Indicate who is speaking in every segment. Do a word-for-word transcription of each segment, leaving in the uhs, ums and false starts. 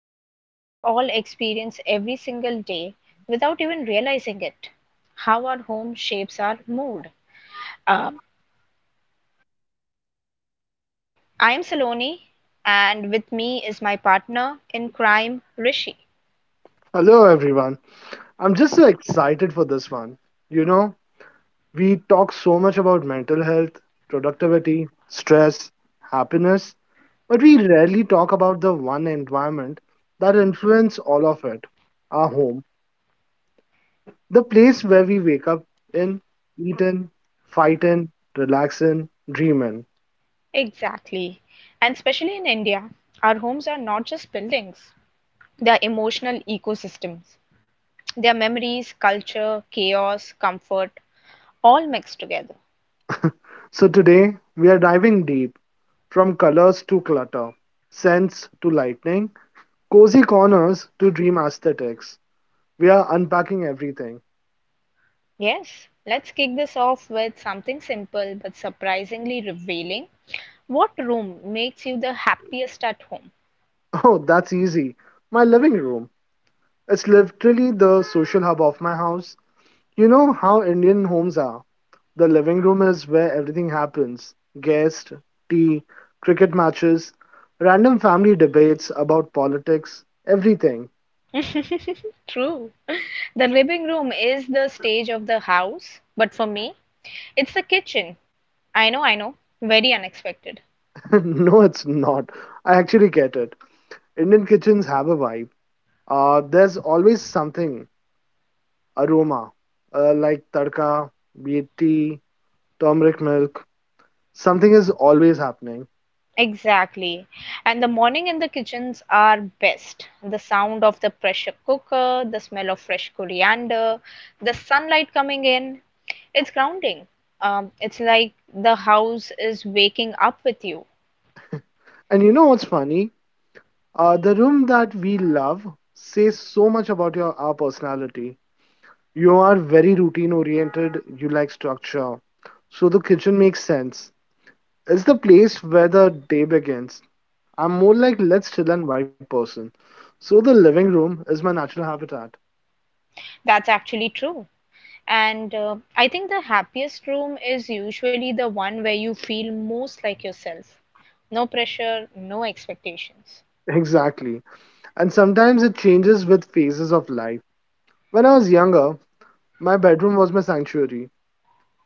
Speaker 1: something we all experience every single day without even realizing it, how our home shapes our mood. Um, I'm Saloni, and with me is my partner in crime, Rishi.
Speaker 2: Hello, everyone. I'm just so excited for this one. You know, we talk so much about mental health, productivity, stress, happiness, but we rarely talk about the one environment that influences all of it our home, the place where we wake up in, eat in, fight in, relax in, dream in.
Speaker 1: Exactly. And especially in India, our homes are not just buildings, they are emotional ecosystems. Their memories, culture, chaos, comfort, all mixed together.
Speaker 2: So today, we are diving deep from colors to clutter, scents to lightning, cozy corners to dream aesthetics. We are unpacking everything.
Speaker 1: Yes, let's kick this off with something simple but surprisingly revealing. What room makes you the happiest at home?
Speaker 2: Oh, that's easy. My living room. It's literally the social hub of my house. You know how Indian homes are. The living room is where everything happens guests, tea, cricket matches, random family debates about politics, everything.
Speaker 1: True. The living room is the stage of the house, but for me, it's the kitchen. I know, I know, very unexpected.
Speaker 2: No, it's not. I actually get it. Indian kitchens have a vibe. Uh, there's always something aroma, uh, like tadka, be it tea, turmeric milk, something is always happening.
Speaker 1: Exactly. And the morning in the kitchens are best. The sound of the pressure cooker, the smell of fresh coriander, the sunlight coming in. It's grounding. Um, it's like the house is waking up with you.
Speaker 2: And you know what's funny? Uh, the room that we love says so much about your our personality. You are very routine oriented, you like structure. So the kitchen makes sense. It's the place where the day begins. I'm more like let's chill and vibe person. So the living room is my natural habitat.
Speaker 1: That's actually true. And uh, I think the happiest room is usually the one where you feel most like yourself. No pressure, no expectations.
Speaker 2: Exactly. And sometimes it changes with phases of life. When I was younger, my bedroom was my sanctuary.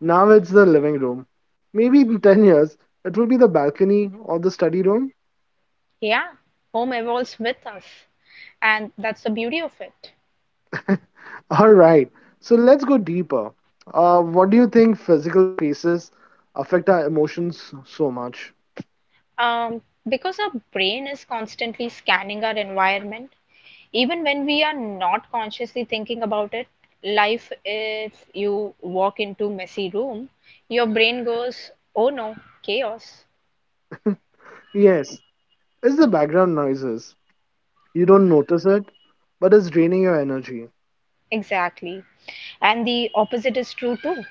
Speaker 2: Now it's the living room. Maybe in ten years, it will be the balcony or the study room.
Speaker 1: Yeah, home evolves with us. And that's the beauty of it.
Speaker 2: All right, so let's go deeper. Uh, what do you think physical spaces affect our emotions so much?
Speaker 1: Um, because our brain is constantly scanning our environment, even when we are not consciously thinking about it, life, if you walk into messy room, your brain goes, oh no, chaos.
Speaker 2: Yes, it's the background noises. You don't notice it, but it's draining your energy.
Speaker 1: Exactly. And the opposite is true too.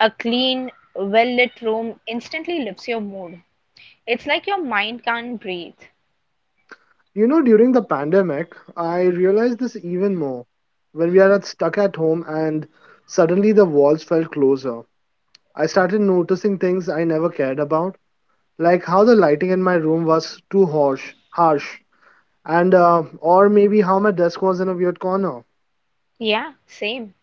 Speaker 1: A clean, well-lit room instantly lifts your mood. It's like your mind can't breathe.
Speaker 2: You know, during the pandemic, I realized this even more. When we are at- stuck at home and suddenly the walls felt closer, I started noticing things I never cared about like how the lighting in my room was too harsh, harsh, and uh, or maybe how my desk was in a weird corner.
Speaker 1: Yeah, same.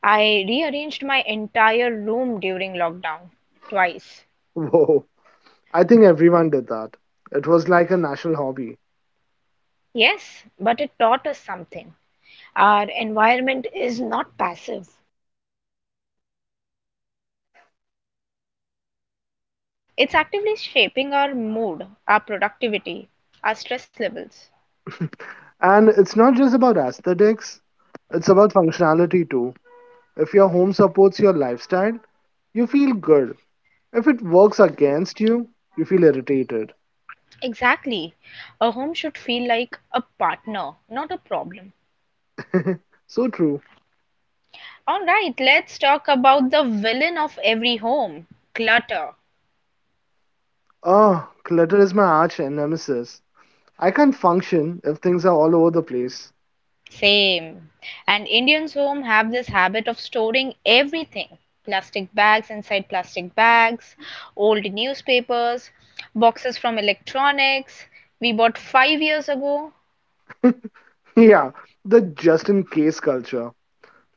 Speaker 1: I rearranged my entire room during lockdown twice.
Speaker 2: Whoa, I think everyone did that. It was like a national hobby,
Speaker 1: Yes, but it taught us something. Our environment is not passive, it's actively shaping our mood, our productivity, our stress levels.
Speaker 2: and it's not just about aesthetics; it's about functionality too. If your home supports your lifestyle, you feel good. If it works against you, you feel irritated.
Speaker 1: Exactly. A home should feel like a partner, not a problem.
Speaker 2: So true.
Speaker 1: All right, let's talk about the villain of every home, clutter.
Speaker 2: Ah, clutter is my arch nemesis. I can't function if things are all over the place.
Speaker 1: Same. And Indians home have this habit of storing everything. Plastic bags inside plastic bags, old newspapers, boxes from electronics we bought five years ago.
Speaker 2: Yeah, the just in case culture.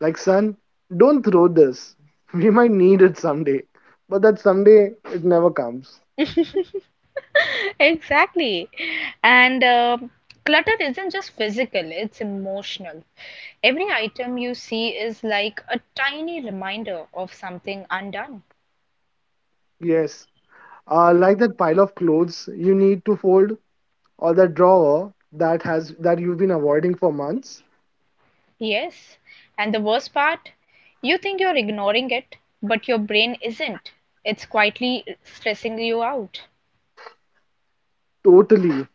Speaker 2: Like, son, don't throw this. We might need it someday. But that someday, it never comes.
Speaker 1: Exactly. And uh, clutter isn't just physical, it's emotional. Every item you see is like a tiny reminder of something undone.
Speaker 2: Yes, uh, like that pile of clothes you need to fold, or that drawer that has that you've been avoiding for months.
Speaker 1: Yes, and the worst part, you think you're ignoring it, but your brain isn't. It's quietly stressing you out.
Speaker 2: Totally.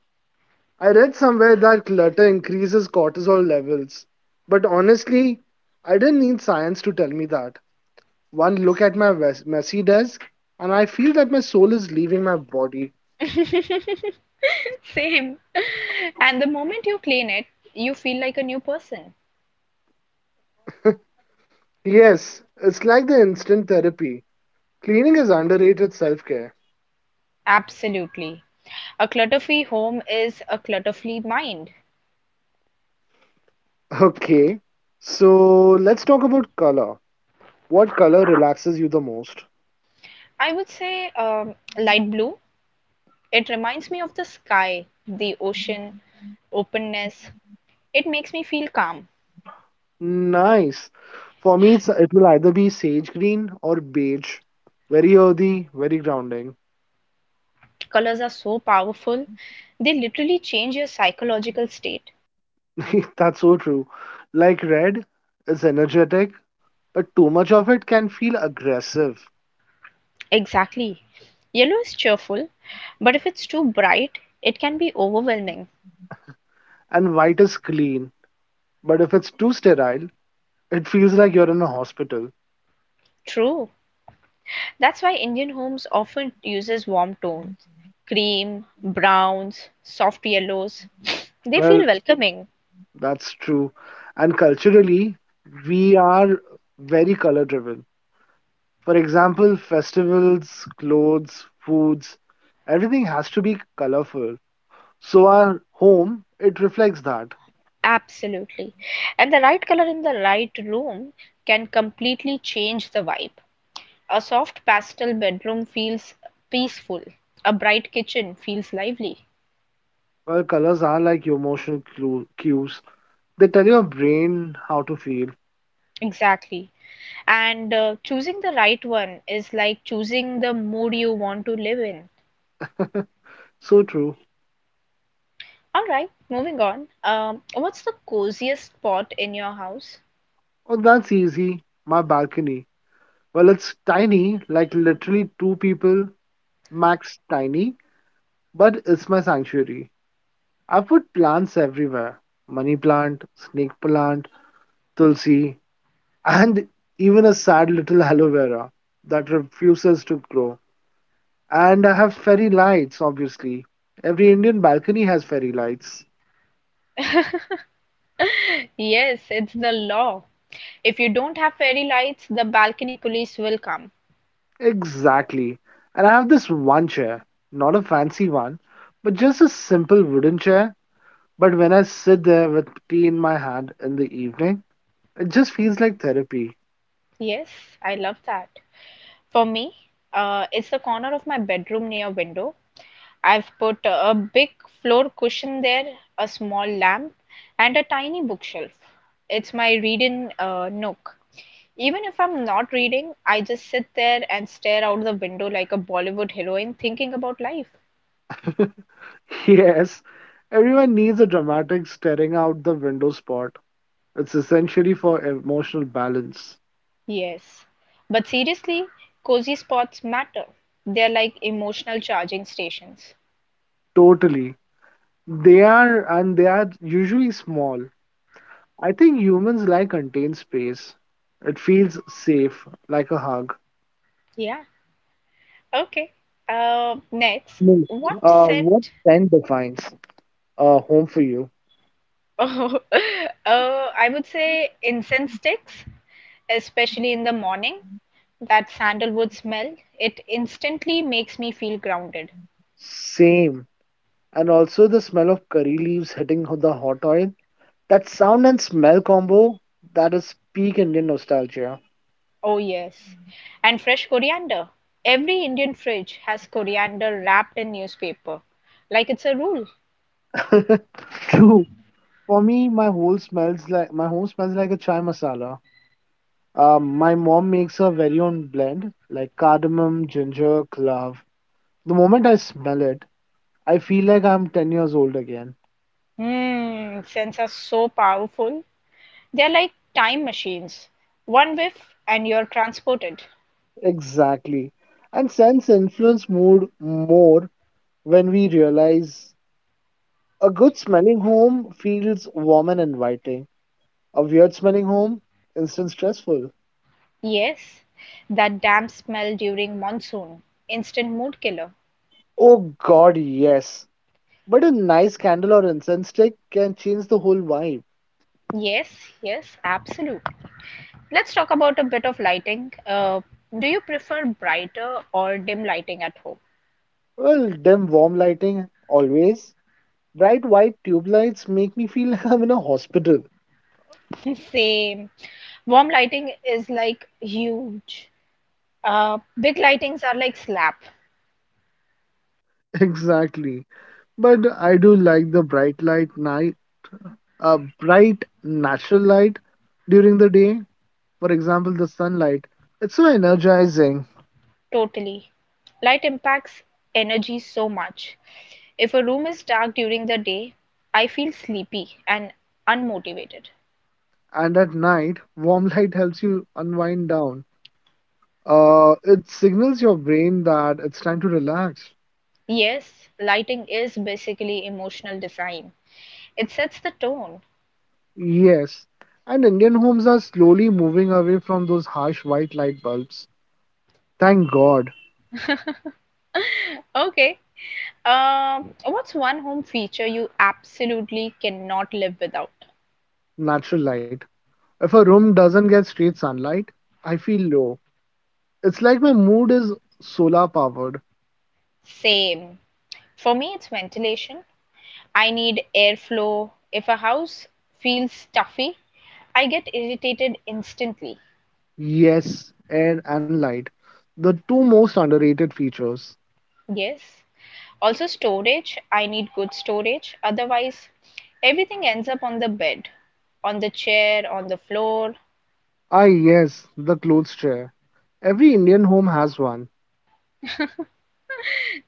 Speaker 2: I read somewhere that clutter increases cortisol levels, but honestly, I didn't need science to tell me that. One look at my wes- messy desk, and I feel that my soul is leaving my body.
Speaker 1: Same. And the moment you clean it, you feel like a new person.
Speaker 2: Yes, it's like the instant therapy. Cleaning is underrated self care.
Speaker 1: Absolutely. A clutter free home is a clutter free mind.
Speaker 2: Okay, so let's talk about color. What color relaxes you the most?
Speaker 1: I would say um, light blue. It reminds me of the sky, the ocean, openness. It makes me feel calm.
Speaker 2: Nice. For me, it's, it will either be sage green or beige. Very earthy, very grounding.
Speaker 1: Colors are so powerful. They literally change your psychological state.
Speaker 2: That's so true. Like red is energetic, but too much of it can feel aggressive.
Speaker 1: Exactly. Yellow is cheerful, but if it's too bright, it can be overwhelming.
Speaker 2: And white is clean, but if it's too sterile, it feels like you're in a hospital.
Speaker 1: True. That's why Indian homes often uses warm tones. Cream, browns, soft yellows. They
Speaker 2: Well,
Speaker 1: feel welcoming.
Speaker 2: that's true. And culturally, we are very color driven. For example, festivals, clothes, foods, everything has to be colorful. So our home, it reflects that.
Speaker 1: Absolutely. And the right color in the right room can completely change the vibe. A soft pastel bedroom feels peaceful. A bright kitchen feels lively.
Speaker 2: Well, colors are like your emotional clu- cues. They tell your brain how to feel.
Speaker 1: Exactly. And uh, choosing the right one is like choosing the mood you want to live in.
Speaker 2: So true.
Speaker 1: All right, moving on. Um, what's the coziest spot in your house?
Speaker 2: Oh, that's easy. My balcony. Well, it's tiny, like literally two people, max tiny, but it's my sanctuary. I put plants everywhere money plant, snake plant, tulsi, and even a sad little aloe vera that refuses to grow. And I have fairy lights, obviously. Every Indian balcony has fairy lights.
Speaker 1: Yes, it's the law. If you don't have fairy lights, the balcony police will come.
Speaker 2: Exactly. And I have this one chair, not a fancy one, but just a simple wooden chair. But when I sit there with tea in my hand in the evening, it just feels like therapy.
Speaker 1: Yes, I love that. For me, uh, it's the corner of my bedroom near window. I've put a big floor cushion there, a small lamp, and a tiny bookshelf. It's my reading uh, nook. Even if I'm not reading, I just sit there and stare out the window like a Bollywood heroine thinking about life.
Speaker 2: Yes, everyone needs a dramatic staring out the window spot. It's essentially for emotional balance.
Speaker 1: Yes. But seriously, cozy spots matter. They're like emotional charging stations.
Speaker 2: Totally. They are, and they are usually small. I think humans like contained space. It feels safe, like a hug.
Speaker 1: Yeah. Okay. Uh, next,
Speaker 2: No.
Speaker 1: what
Speaker 2: Uh, what
Speaker 1: scent?
Speaker 2: scent defines a home for you?
Speaker 1: Oh, uh, I would say incense sticks, especially in the morning. That sandalwood smell, it instantly makes me feel grounded.
Speaker 2: Same. And also the smell of curry leaves hitting the hot oil. That sound and smell combo, that is peak Indian nostalgia.
Speaker 1: Oh, yes. And fresh coriander. Every Indian fridge has coriander wrapped in newspaper, like it's a rule.
Speaker 2: True. For me, my whole smells like my home smells like a chai masala. Um, my mom makes her very own blend, like cardamom, ginger, clove. The moment I smell it, I feel like I'm ten years old again.
Speaker 1: Mmm, scents are so powerful. They're like time machines. One whiff and you're transported.
Speaker 2: Exactly. And scents influence mood more when we realize a good smelling home feels warm and inviting. A weird smelling home, instant stressful.
Speaker 1: Yes, that damp smell during monsoon, instant mood killer.
Speaker 2: Oh God, yes. But a nice candle or incense stick can change the whole vibe.
Speaker 1: Yes, yes, absolutely. Let's talk about a bit of lighting. Uh, do you prefer brighter or dim lighting at home?
Speaker 2: Well, dim warm lighting, always. Bright white tube lights make me feel I'm in a hospital.
Speaker 1: Same. Warm lighting is like huge. Uh, big lightings are like slap.
Speaker 2: Exactly. But I do like the bright light night, uh, bright natural light during the day. For example, the sunlight. It's so energizing.
Speaker 1: Totally. Light impacts energy so much. If a room is dark during the day, I feel sleepy and unmotivated.
Speaker 2: And at night, warm light helps you unwind down. Uh, it signals your brain that it's time to relax.
Speaker 1: Yes, lighting is basically emotional design. It sets the tone.
Speaker 2: Yes. And Indian homes are slowly moving away from those harsh white light bulbs. Thank God.
Speaker 1: Okay, Um, what's one home feature you absolutely cannot live without?
Speaker 2: Natural light. If a room doesn't get straight sunlight, I feel low. It's like my mood is solar powered.
Speaker 1: Same. For me, it's ventilation. I need airflow. If a house feels stuffy, I get irritated instantly.
Speaker 2: Yes, air and light. The two most underrated features.
Speaker 1: Yes. Also, storage. I need good storage. Otherwise, everything ends up on the bed, on the chair, on the floor,
Speaker 2: Ah, yes, the clothes chair. Every Indian home has one.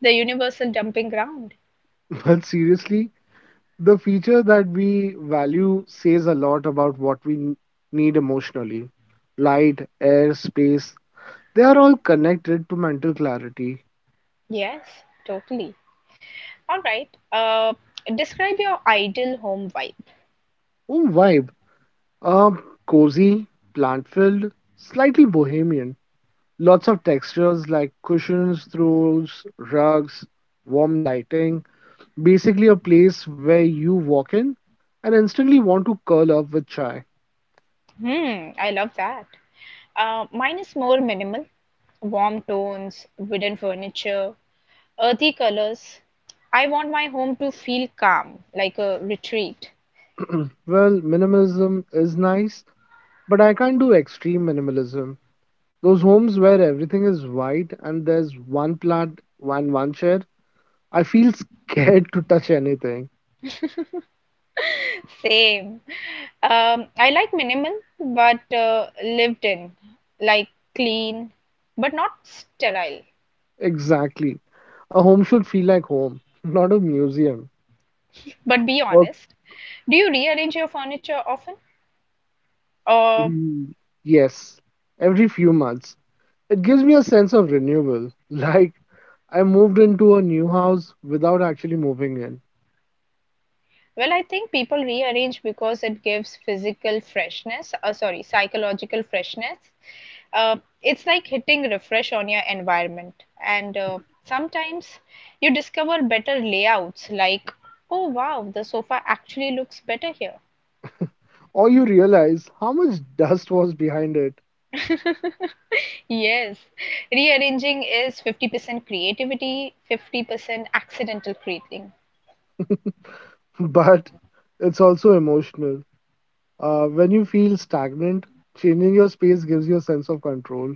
Speaker 1: the universal dumping ground.
Speaker 2: But seriously, the feature that we value says a lot about what we n- need emotionally. Light, air, space, they are all connected to mental clarity.
Speaker 1: Yes, totally. All right. Uh, Describe your ideal home vibe.
Speaker 2: Oh, why? Um, cozy, plant filled, slightly bohemian. Lots of textures like cushions, throws, rugs, warm lighting. Basically, a place where you walk in and instantly want to curl up with chai.
Speaker 1: Hmm, I love that. Uh, mine is more minimal, warm tones, wooden furniture, earthy colors. I want my home to feel calm, like a retreat.
Speaker 2: Well, minimalism is nice, but I can't do extreme minimalism. Those homes where everything is white and there's one plant and one chair, I feel scared to touch anything.
Speaker 1: Same. Um, I like minimal, but uh, lived in, like clean, but not sterile.
Speaker 2: Exactly. A home should feel like home, not a museum.
Speaker 1: But be
Speaker 2: Or
Speaker 1: honest, do you rearrange your furniture often? Uh,
Speaker 2: mm, yes, every few months. It gives me a sense of renewal. Like I moved into a new house without actually moving in.
Speaker 1: well, I think people rearrange because it gives physical freshness, uh, sorry, psychological freshness, uh, it's like hitting refresh on your environment, and uh, sometimes you discover better layouts, like, oh wow, the sofa actually looks better here.
Speaker 2: Or you realize how much dust was behind it.
Speaker 1: Yes, rearranging is fifty percent creativity, fifty percent accidental creating.
Speaker 2: But it's also emotional. Uh, when you feel stagnant, changing your space gives you a sense of control.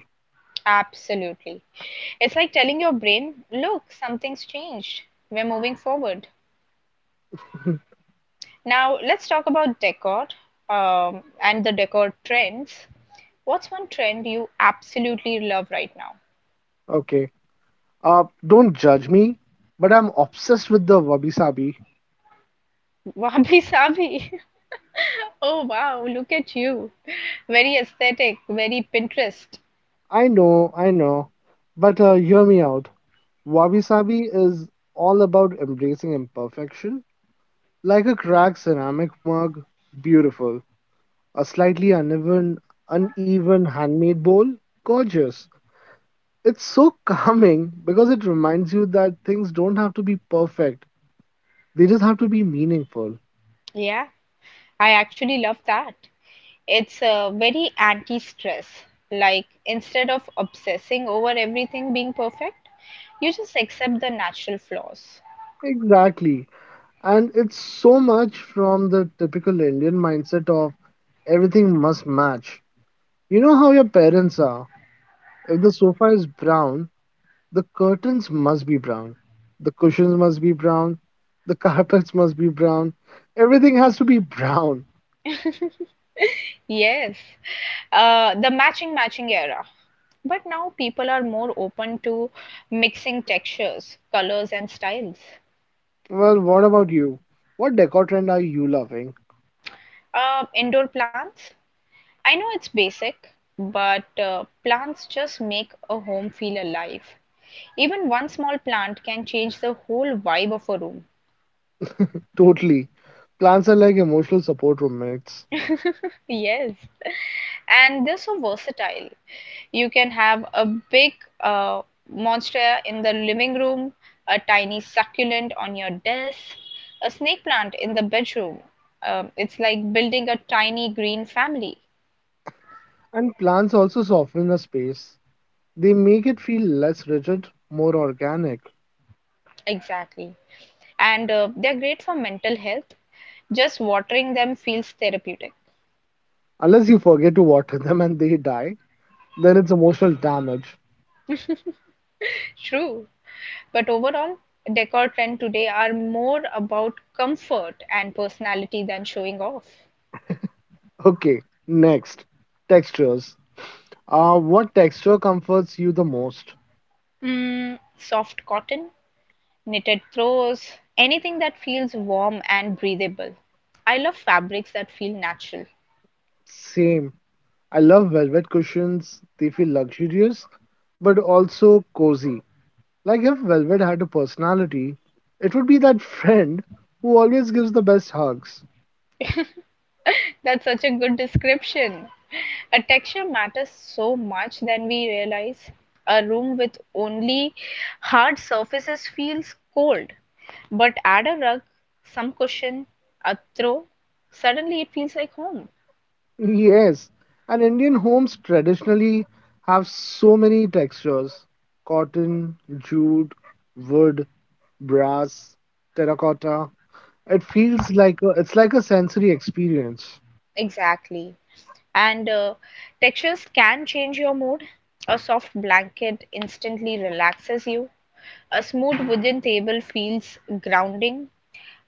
Speaker 1: Absolutely, it's like telling your brain, look, something's changed, we're moving forward. Now, let's talk about decor, um, and the decor trends. What's one trend you absolutely love right now?
Speaker 2: Okay. Uh, don't judge me, but I'm obsessed with the wabi sabi.
Speaker 1: Wabi sabi. Oh wow, look at you. Very aesthetic, very Pinterest.
Speaker 2: I know, I know. But uh, hear me out. Wabi Sabi is all about embracing imperfection. Like a cracked ceramic mug, beautiful. A slightly uneven, uneven handmade bowl, gorgeous. It's so calming because it reminds you that things don't have to be perfect, they just have to be meaningful.
Speaker 1: Yeah, I actually love that. It's uh, very anti stress. Like, instead of obsessing over everything being perfect, you just accept the natural flaws.
Speaker 2: Exactly. And it's so much from the typical Indian mindset of everything must match. You know how your parents are. If the sofa is brown, the curtains must be brown. The cushions must be brown. The carpets must be brown. Everything has to be brown.
Speaker 1: Yes, uh, the matching matching era. But now people are more open to mixing textures, colors, and styles.
Speaker 2: Well, what about you? What decor trend are you loving?
Speaker 1: Uh, indoor plants. I know it's basic, but uh, plants just make a home feel alive. Even one small plant can change the whole vibe of a room.
Speaker 2: Totally. Plants are like emotional support roommates.
Speaker 1: Yes, and they're so versatile. You can have a big uh, monster in the living room, a tiny succulent on your desk, a snake plant in the bedroom. Um, it's like building a tiny green family.
Speaker 2: And plants also soften a space. They make it feel less rigid, more organic.
Speaker 1: Exactly. And uh, they're great for mental health. Just watering them feels therapeutic.
Speaker 2: Unless you forget to water them and they die, then it's emotional damage.
Speaker 1: True. But overall, decor trends today are more about comfort and personality than showing off.
Speaker 2: Okay, next. Textures. Uh, what texture comforts you the most?
Speaker 1: Mm, soft cotton, knitted throws, anything that feels warm and breathable. I love fabrics that feel natural.
Speaker 2: Same. I love velvet cushions. They feel luxurious, but also cozy. Like if velvet had a personality, it would be that friend who always gives the best hugs.
Speaker 1: That's such a good description. A texture matters so much than we realize. A room with only hard surfaces feels cold, but add a rug, some cushion, a throw, suddenly it feels like home.
Speaker 2: Yes, and Indian homes traditionally have so many textures cotton, jute, wood, brass, terracotta. It feels like a, it's like a sensory experience,
Speaker 1: Exactly. And uh, textures can change your mood. A soft blanket instantly relaxes you. A smooth wooden table feels grounding.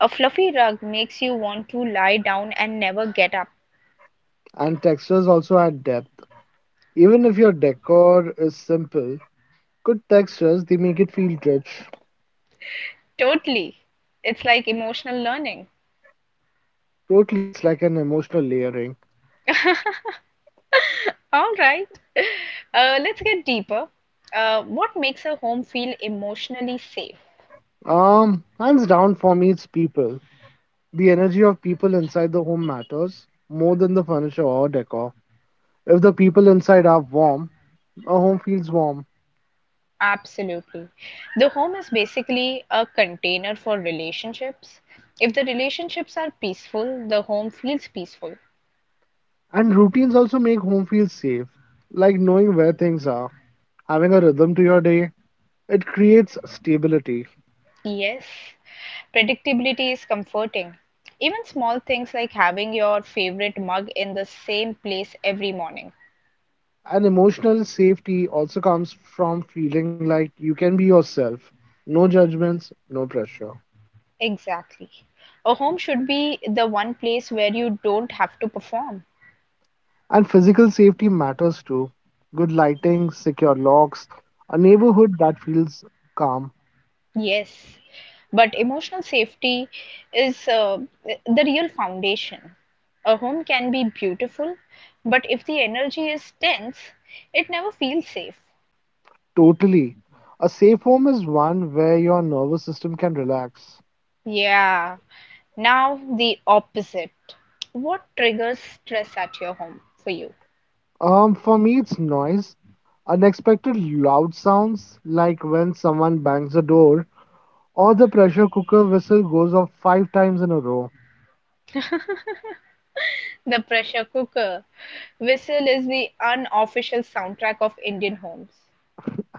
Speaker 1: A fluffy rug makes you want to lie down and never get up.
Speaker 2: and textures also add depth. Even if your decor is simple, good textures they make it feel rich.
Speaker 1: Totally. It's like emotional learning.
Speaker 2: Totally, it's like an emotional layering.
Speaker 1: All right. Uh, let's get deeper. Uh, what makes a home feel emotionally safe?
Speaker 2: Um, hands down for me, it's people. The energy of people inside the home matters more than the furniture or decor. If the people inside are warm, a home feels warm.
Speaker 1: Absolutely. The home is basically a container for relationships. If the relationships are peaceful, the home feels peaceful.
Speaker 2: And routines also make home feel safe, like knowing where things are, having a rhythm to your day. It creates stability.
Speaker 1: Yes. Predictability is comforting. Even small things like having your favorite mug in the same place every morning.
Speaker 2: And emotional safety also comes from feeling like you can be yourself. No judgments, no pressure.
Speaker 1: Exactly. A home should be the one place where you don't have to perform.
Speaker 2: And physical safety matters too. Good lighting, secure locks, a neighborhood that feels calm.
Speaker 1: Yes. But emotional safety is uh, the real foundation. A home can be beautiful, but if the energy is tense, it never feels safe.
Speaker 2: Totally. A safe home is one where your nervous system can relax.
Speaker 1: Yeah. Now, the opposite. What triggers stress at your home for you?
Speaker 2: Um, for me, it's noise. Unexpected loud sounds like when someone bangs a door or the pressure cooker whistle goes off five times in a row.
Speaker 1: The pressure cooker whistle is the unofficial soundtrack of Indian homes.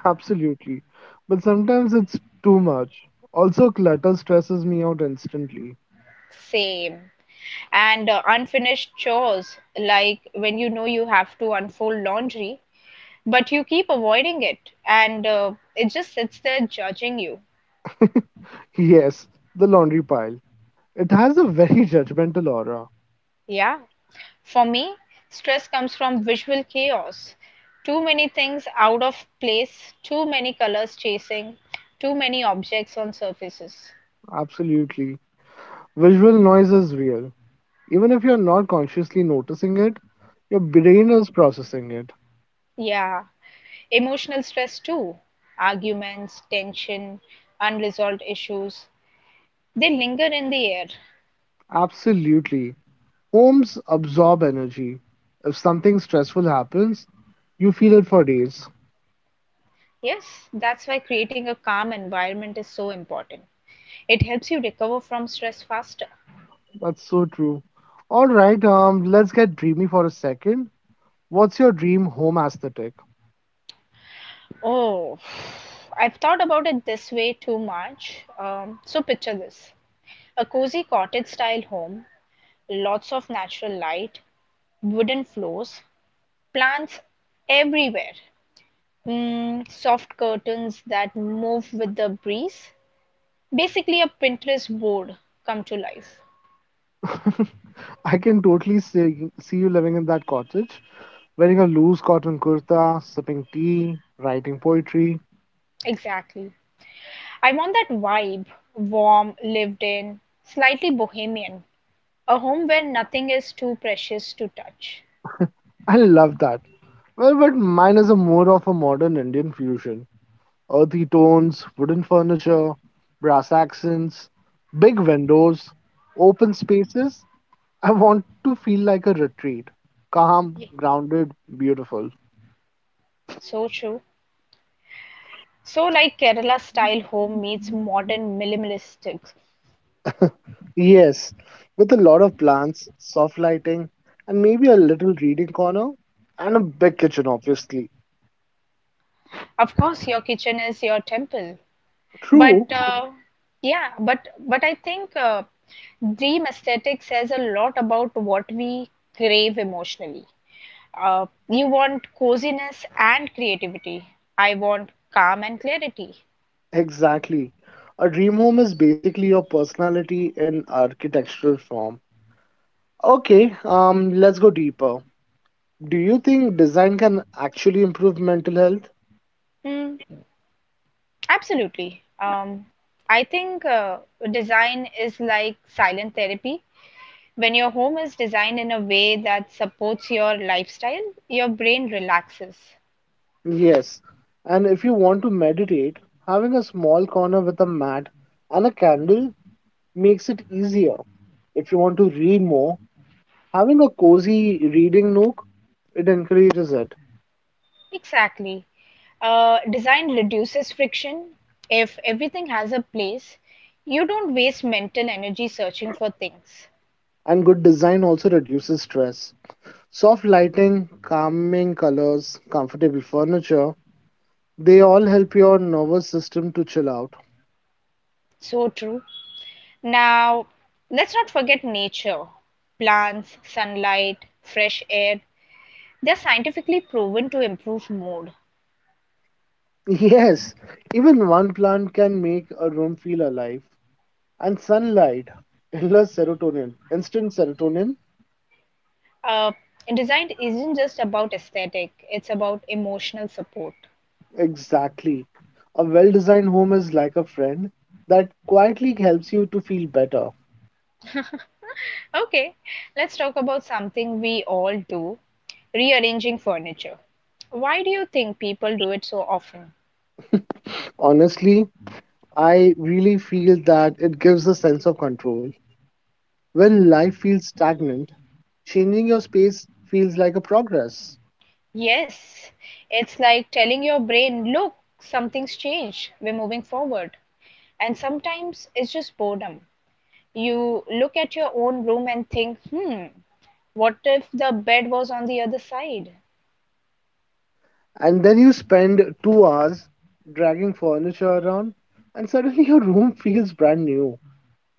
Speaker 2: Absolutely. But sometimes it's too much. Also, clutter stresses me out instantly.
Speaker 1: Same. And uh, unfinished chores, like when you know you have to unfold laundry, but you keep avoiding it and uh, it just sits there judging you.
Speaker 2: Yes, the laundry pile. It has a very judgmental aura.
Speaker 1: Yeah. For me, stress comes from visual chaos. Too many things out of place, too many colors chasing, too many objects on surfaces.
Speaker 2: Absolutely. Visual noise is real. Even if you're not consciously noticing it, your brain is processing it.
Speaker 1: Yeah. Emotional stress, too, arguments, tension, unresolved issues, they linger in the air.
Speaker 2: Absolutely. Homes absorb energy. If something stressful happens, you feel it for days.
Speaker 1: Yes, that's why creating a calm environment is so important. It helps you recover from stress faster.
Speaker 2: That's so true. All right, um, let's get dreamy for a second. What's your dream home aesthetic?
Speaker 1: Oh, I've thought about it this way too much. Um, so, picture this, a cozy cottage style home, lots of natural light, wooden floors, plants everywhere, mm, soft curtains that move with the breeze. Basically, a Pinterest board come to life.
Speaker 2: I can totally see, see you living in that cottage, wearing a loose cotton kurta, sipping tea, writing poetry.
Speaker 1: Exactly. I want that vibe, warm, lived in, slightly bohemian, a home where nothing is too precious to touch.
Speaker 2: I love that. Well, but mine is a more of a modern Indian fusion. Earthy tones, wooden furniture, brass accents, big windows, open spaces. I want to feel like a retreat. Calm,
Speaker 1: Ye-
Speaker 2: grounded, beautiful.
Speaker 1: So true. So, like Kerala style home meets modern minimalistics.
Speaker 2: Yes, with a lot of plants, soft lighting, and maybe a little reading corner, and a big kitchen, obviously.
Speaker 1: Of course, your kitchen is your temple, but
Speaker 2: True,
Speaker 1: uh, yeah, but but I think uh, dream aesthetic says a lot about what we crave emotionally. Uh, you want coziness and creativity. I want calm and clarity.
Speaker 2: exactly. A dream home is basically your personality in architectural form. Okay, um, let's go deeper. Do you think design can actually improve mental health?
Speaker 1: Mm, absolutely. Um, I think uh, design is like silent therapy. When your home is designed in a way that supports your lifestyle, your brain relaxes.
Speaker 2: Yes, and if you want to meditate, having a small corner with a mat and a candle makes it easier. If you want to read more, having a cozy reading nook, it encourages it.
Speaker 1: Exactly. Uh, design reduces friction. If everything has a place, you don't waste mental energy searching for things.
Speaker 2: And good design also reduces stress. Soft lighting, calming colors, comfortable furniture, they all help your nervous system to chill out.
Speaker 1: So true. Now, let's not forget nature. Plants, sunlight, fresh air, they're scientifically proven to improve mood.
Speaker 2: Yes, even one plant can make a room feel alive. And sunlight, endless serotonin, instant serotonin,
Speaker 1: Uh, Design isn't just about aesthetic, it's about emotional support.
Speaker 2: exactly. A well designed home is like a friend that quietly helps you to feel better.
Speaker 1: Okay, let's talk about something we all do, rearranging furniture. Why do you think people do it so often?
Speaker 2: Honestly, I really feel that it gives a sense of control. When life feels stagnant, changing your space feels like a progress.
Speaker 1: Yes, it's like telling your brain, look, something's changed, we're moving forward. And sometimes it's just boredom. You look at your own room and think, hmm, what if the bed was on the other side?
Speaker 2: And then you spend two hours dragging furniture around, and suddenly your room feels brand new.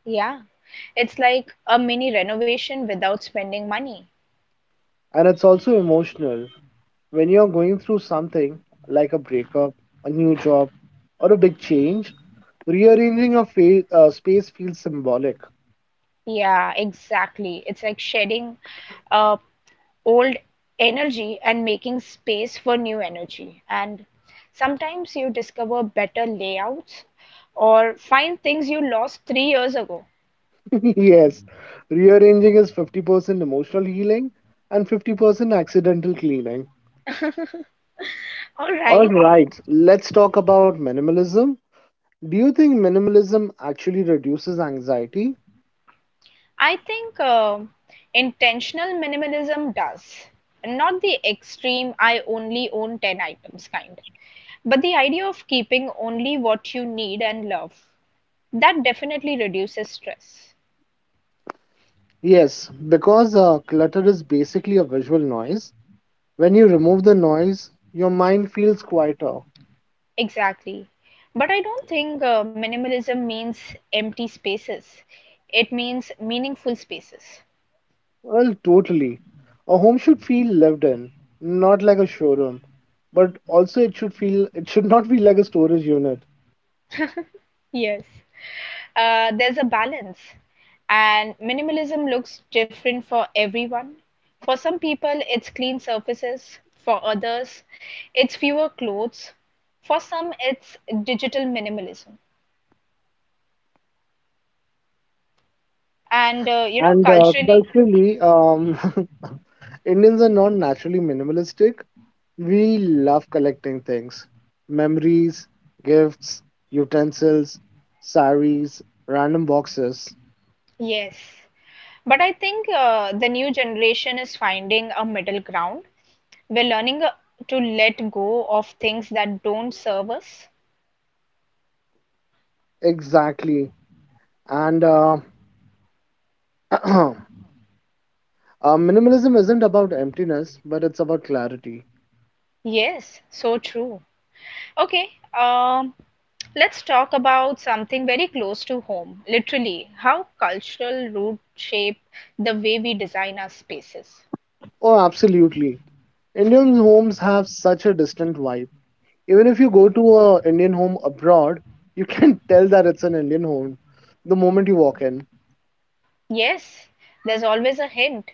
Speaker 1: Yeah, it's like a mini renovation without spending money.
Speaker 2: And it's also emotional when you're going through something like a breakup, a new job, or a big change. Rearranging your fa- uh, space feels symbolic.
Speaker 1: Yeah, exactly. It's like shedding uh, old energy and making space for new energy. And sometimes you discover better layouts or find things you lost three years ago.
Speaker 2: Yes, rearranging is fifty percent emotional healing and fifty percent accidental cleaning.
Speaker 1: All
Speaker 2: All
Speaker 1: right.
Speaker 2: right, let's talk about minimalism. Do you think minimalism actually reduces anxiety?
Speaker 1: I think um intentional minimalism does, not the extreme I only own ten items kind, but the idea of keeping only what you need and love. That definitely reduces stress.
Speaker 2: Yes, because uh, clutter is basically a visual noise. When you remove the noise, your mind feels quieter.
Speaker 1: Exactly. But I don't think uh, minimalism means empty spaces, it means meaningful spaces.
Speaker 2: Well, totally. A home should feel lived in, not like a showroom. But also, it should feel it should not be like a storage unit.
Speaker 1: Yes. Uh, there's a balance. And minimalism looks different for everyone. For some people, it's clean surfaces. For others, it's fewer clothes. For some, it's digital minimalism. And uh, you know,
Speaker 2: And uh,
Speaker 1: culturally,
Speaker 2: culturally, um, Indians are not naturally minimalistic. We love collecting things, memories, gifts, utensils, saris, random boxes.
Speaker 1: yes, but I think uh, the new generation is finding a middle ground. We're learning uh, to let go of things that don't serve us.
Speaker 2: Exactly. And uh, uh, Minimalism isn't about emptiness, but it's about clarity.
Speaker 1: Yes, so true. Okay, um, let's talk about something very close to home, literally, how cultural roots shape the way we design our spaces.
Speaker 2: Oh, absolutely. Indian homes have such a distant vibe. Even if you go to a Indian home abroad, you can tell that it's an Indian home the moment you walk in.
Speaker 1: Yes, there's always a hint.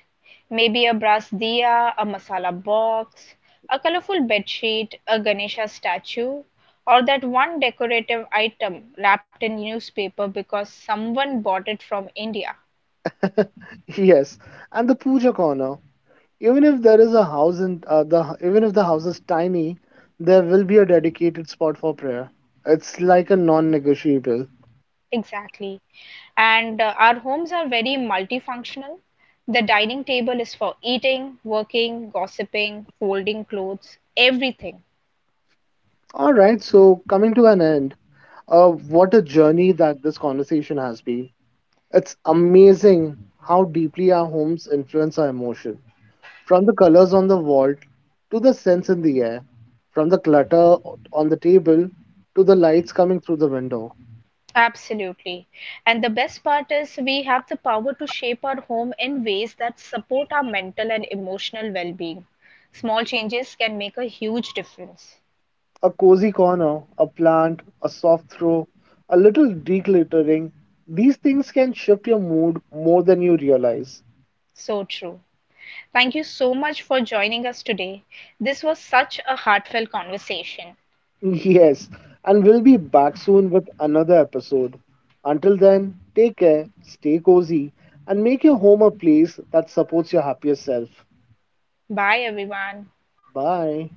Speaker 1: Maybe a brass diya, a masala box, a colorful bedsheet, a Ganesha statue, or that one decorative item wrapped in newspaper because someone bought it from India.
Speaker 2: Yes, and the puja corner. Even if there is a house in uh, the Even if the house is tiny, there will be a dedicated spot for prayer. It's like a non-negotiable.
Speaker 1: Exactly. And uh, our homes are very multifunctional. The dining table is for eating, working, gossiping, folding clothes, everything.
Speaker 2: All right, so coming to an end, uh, what a journey that this conversation has been. It's amazing how deeply our homes influence our emotion, from the colors on the wall to the scents in the air, from the clutter on the table to the lights coming through the window.
Speaker 1: Absolutely. And the best part is we have the power to shape our home in ways that support our mental and emotional well being. Small changes can make a huge difference.
Speaker 2: A cozy corner, a plant, a soft throw, a little decluttering. These things can shift your mood more than you realize.
Speaker 1: So true. Thank you so much for joining us today. This was such a heartfelt conversation.
Speaker 2: Yes, and we'll be back soon with another episode. Until then, take care, stay cozy, and make your home a place that supports your happier self.
Speaker 1: Bye, everyone.
Speaker 2: Bye.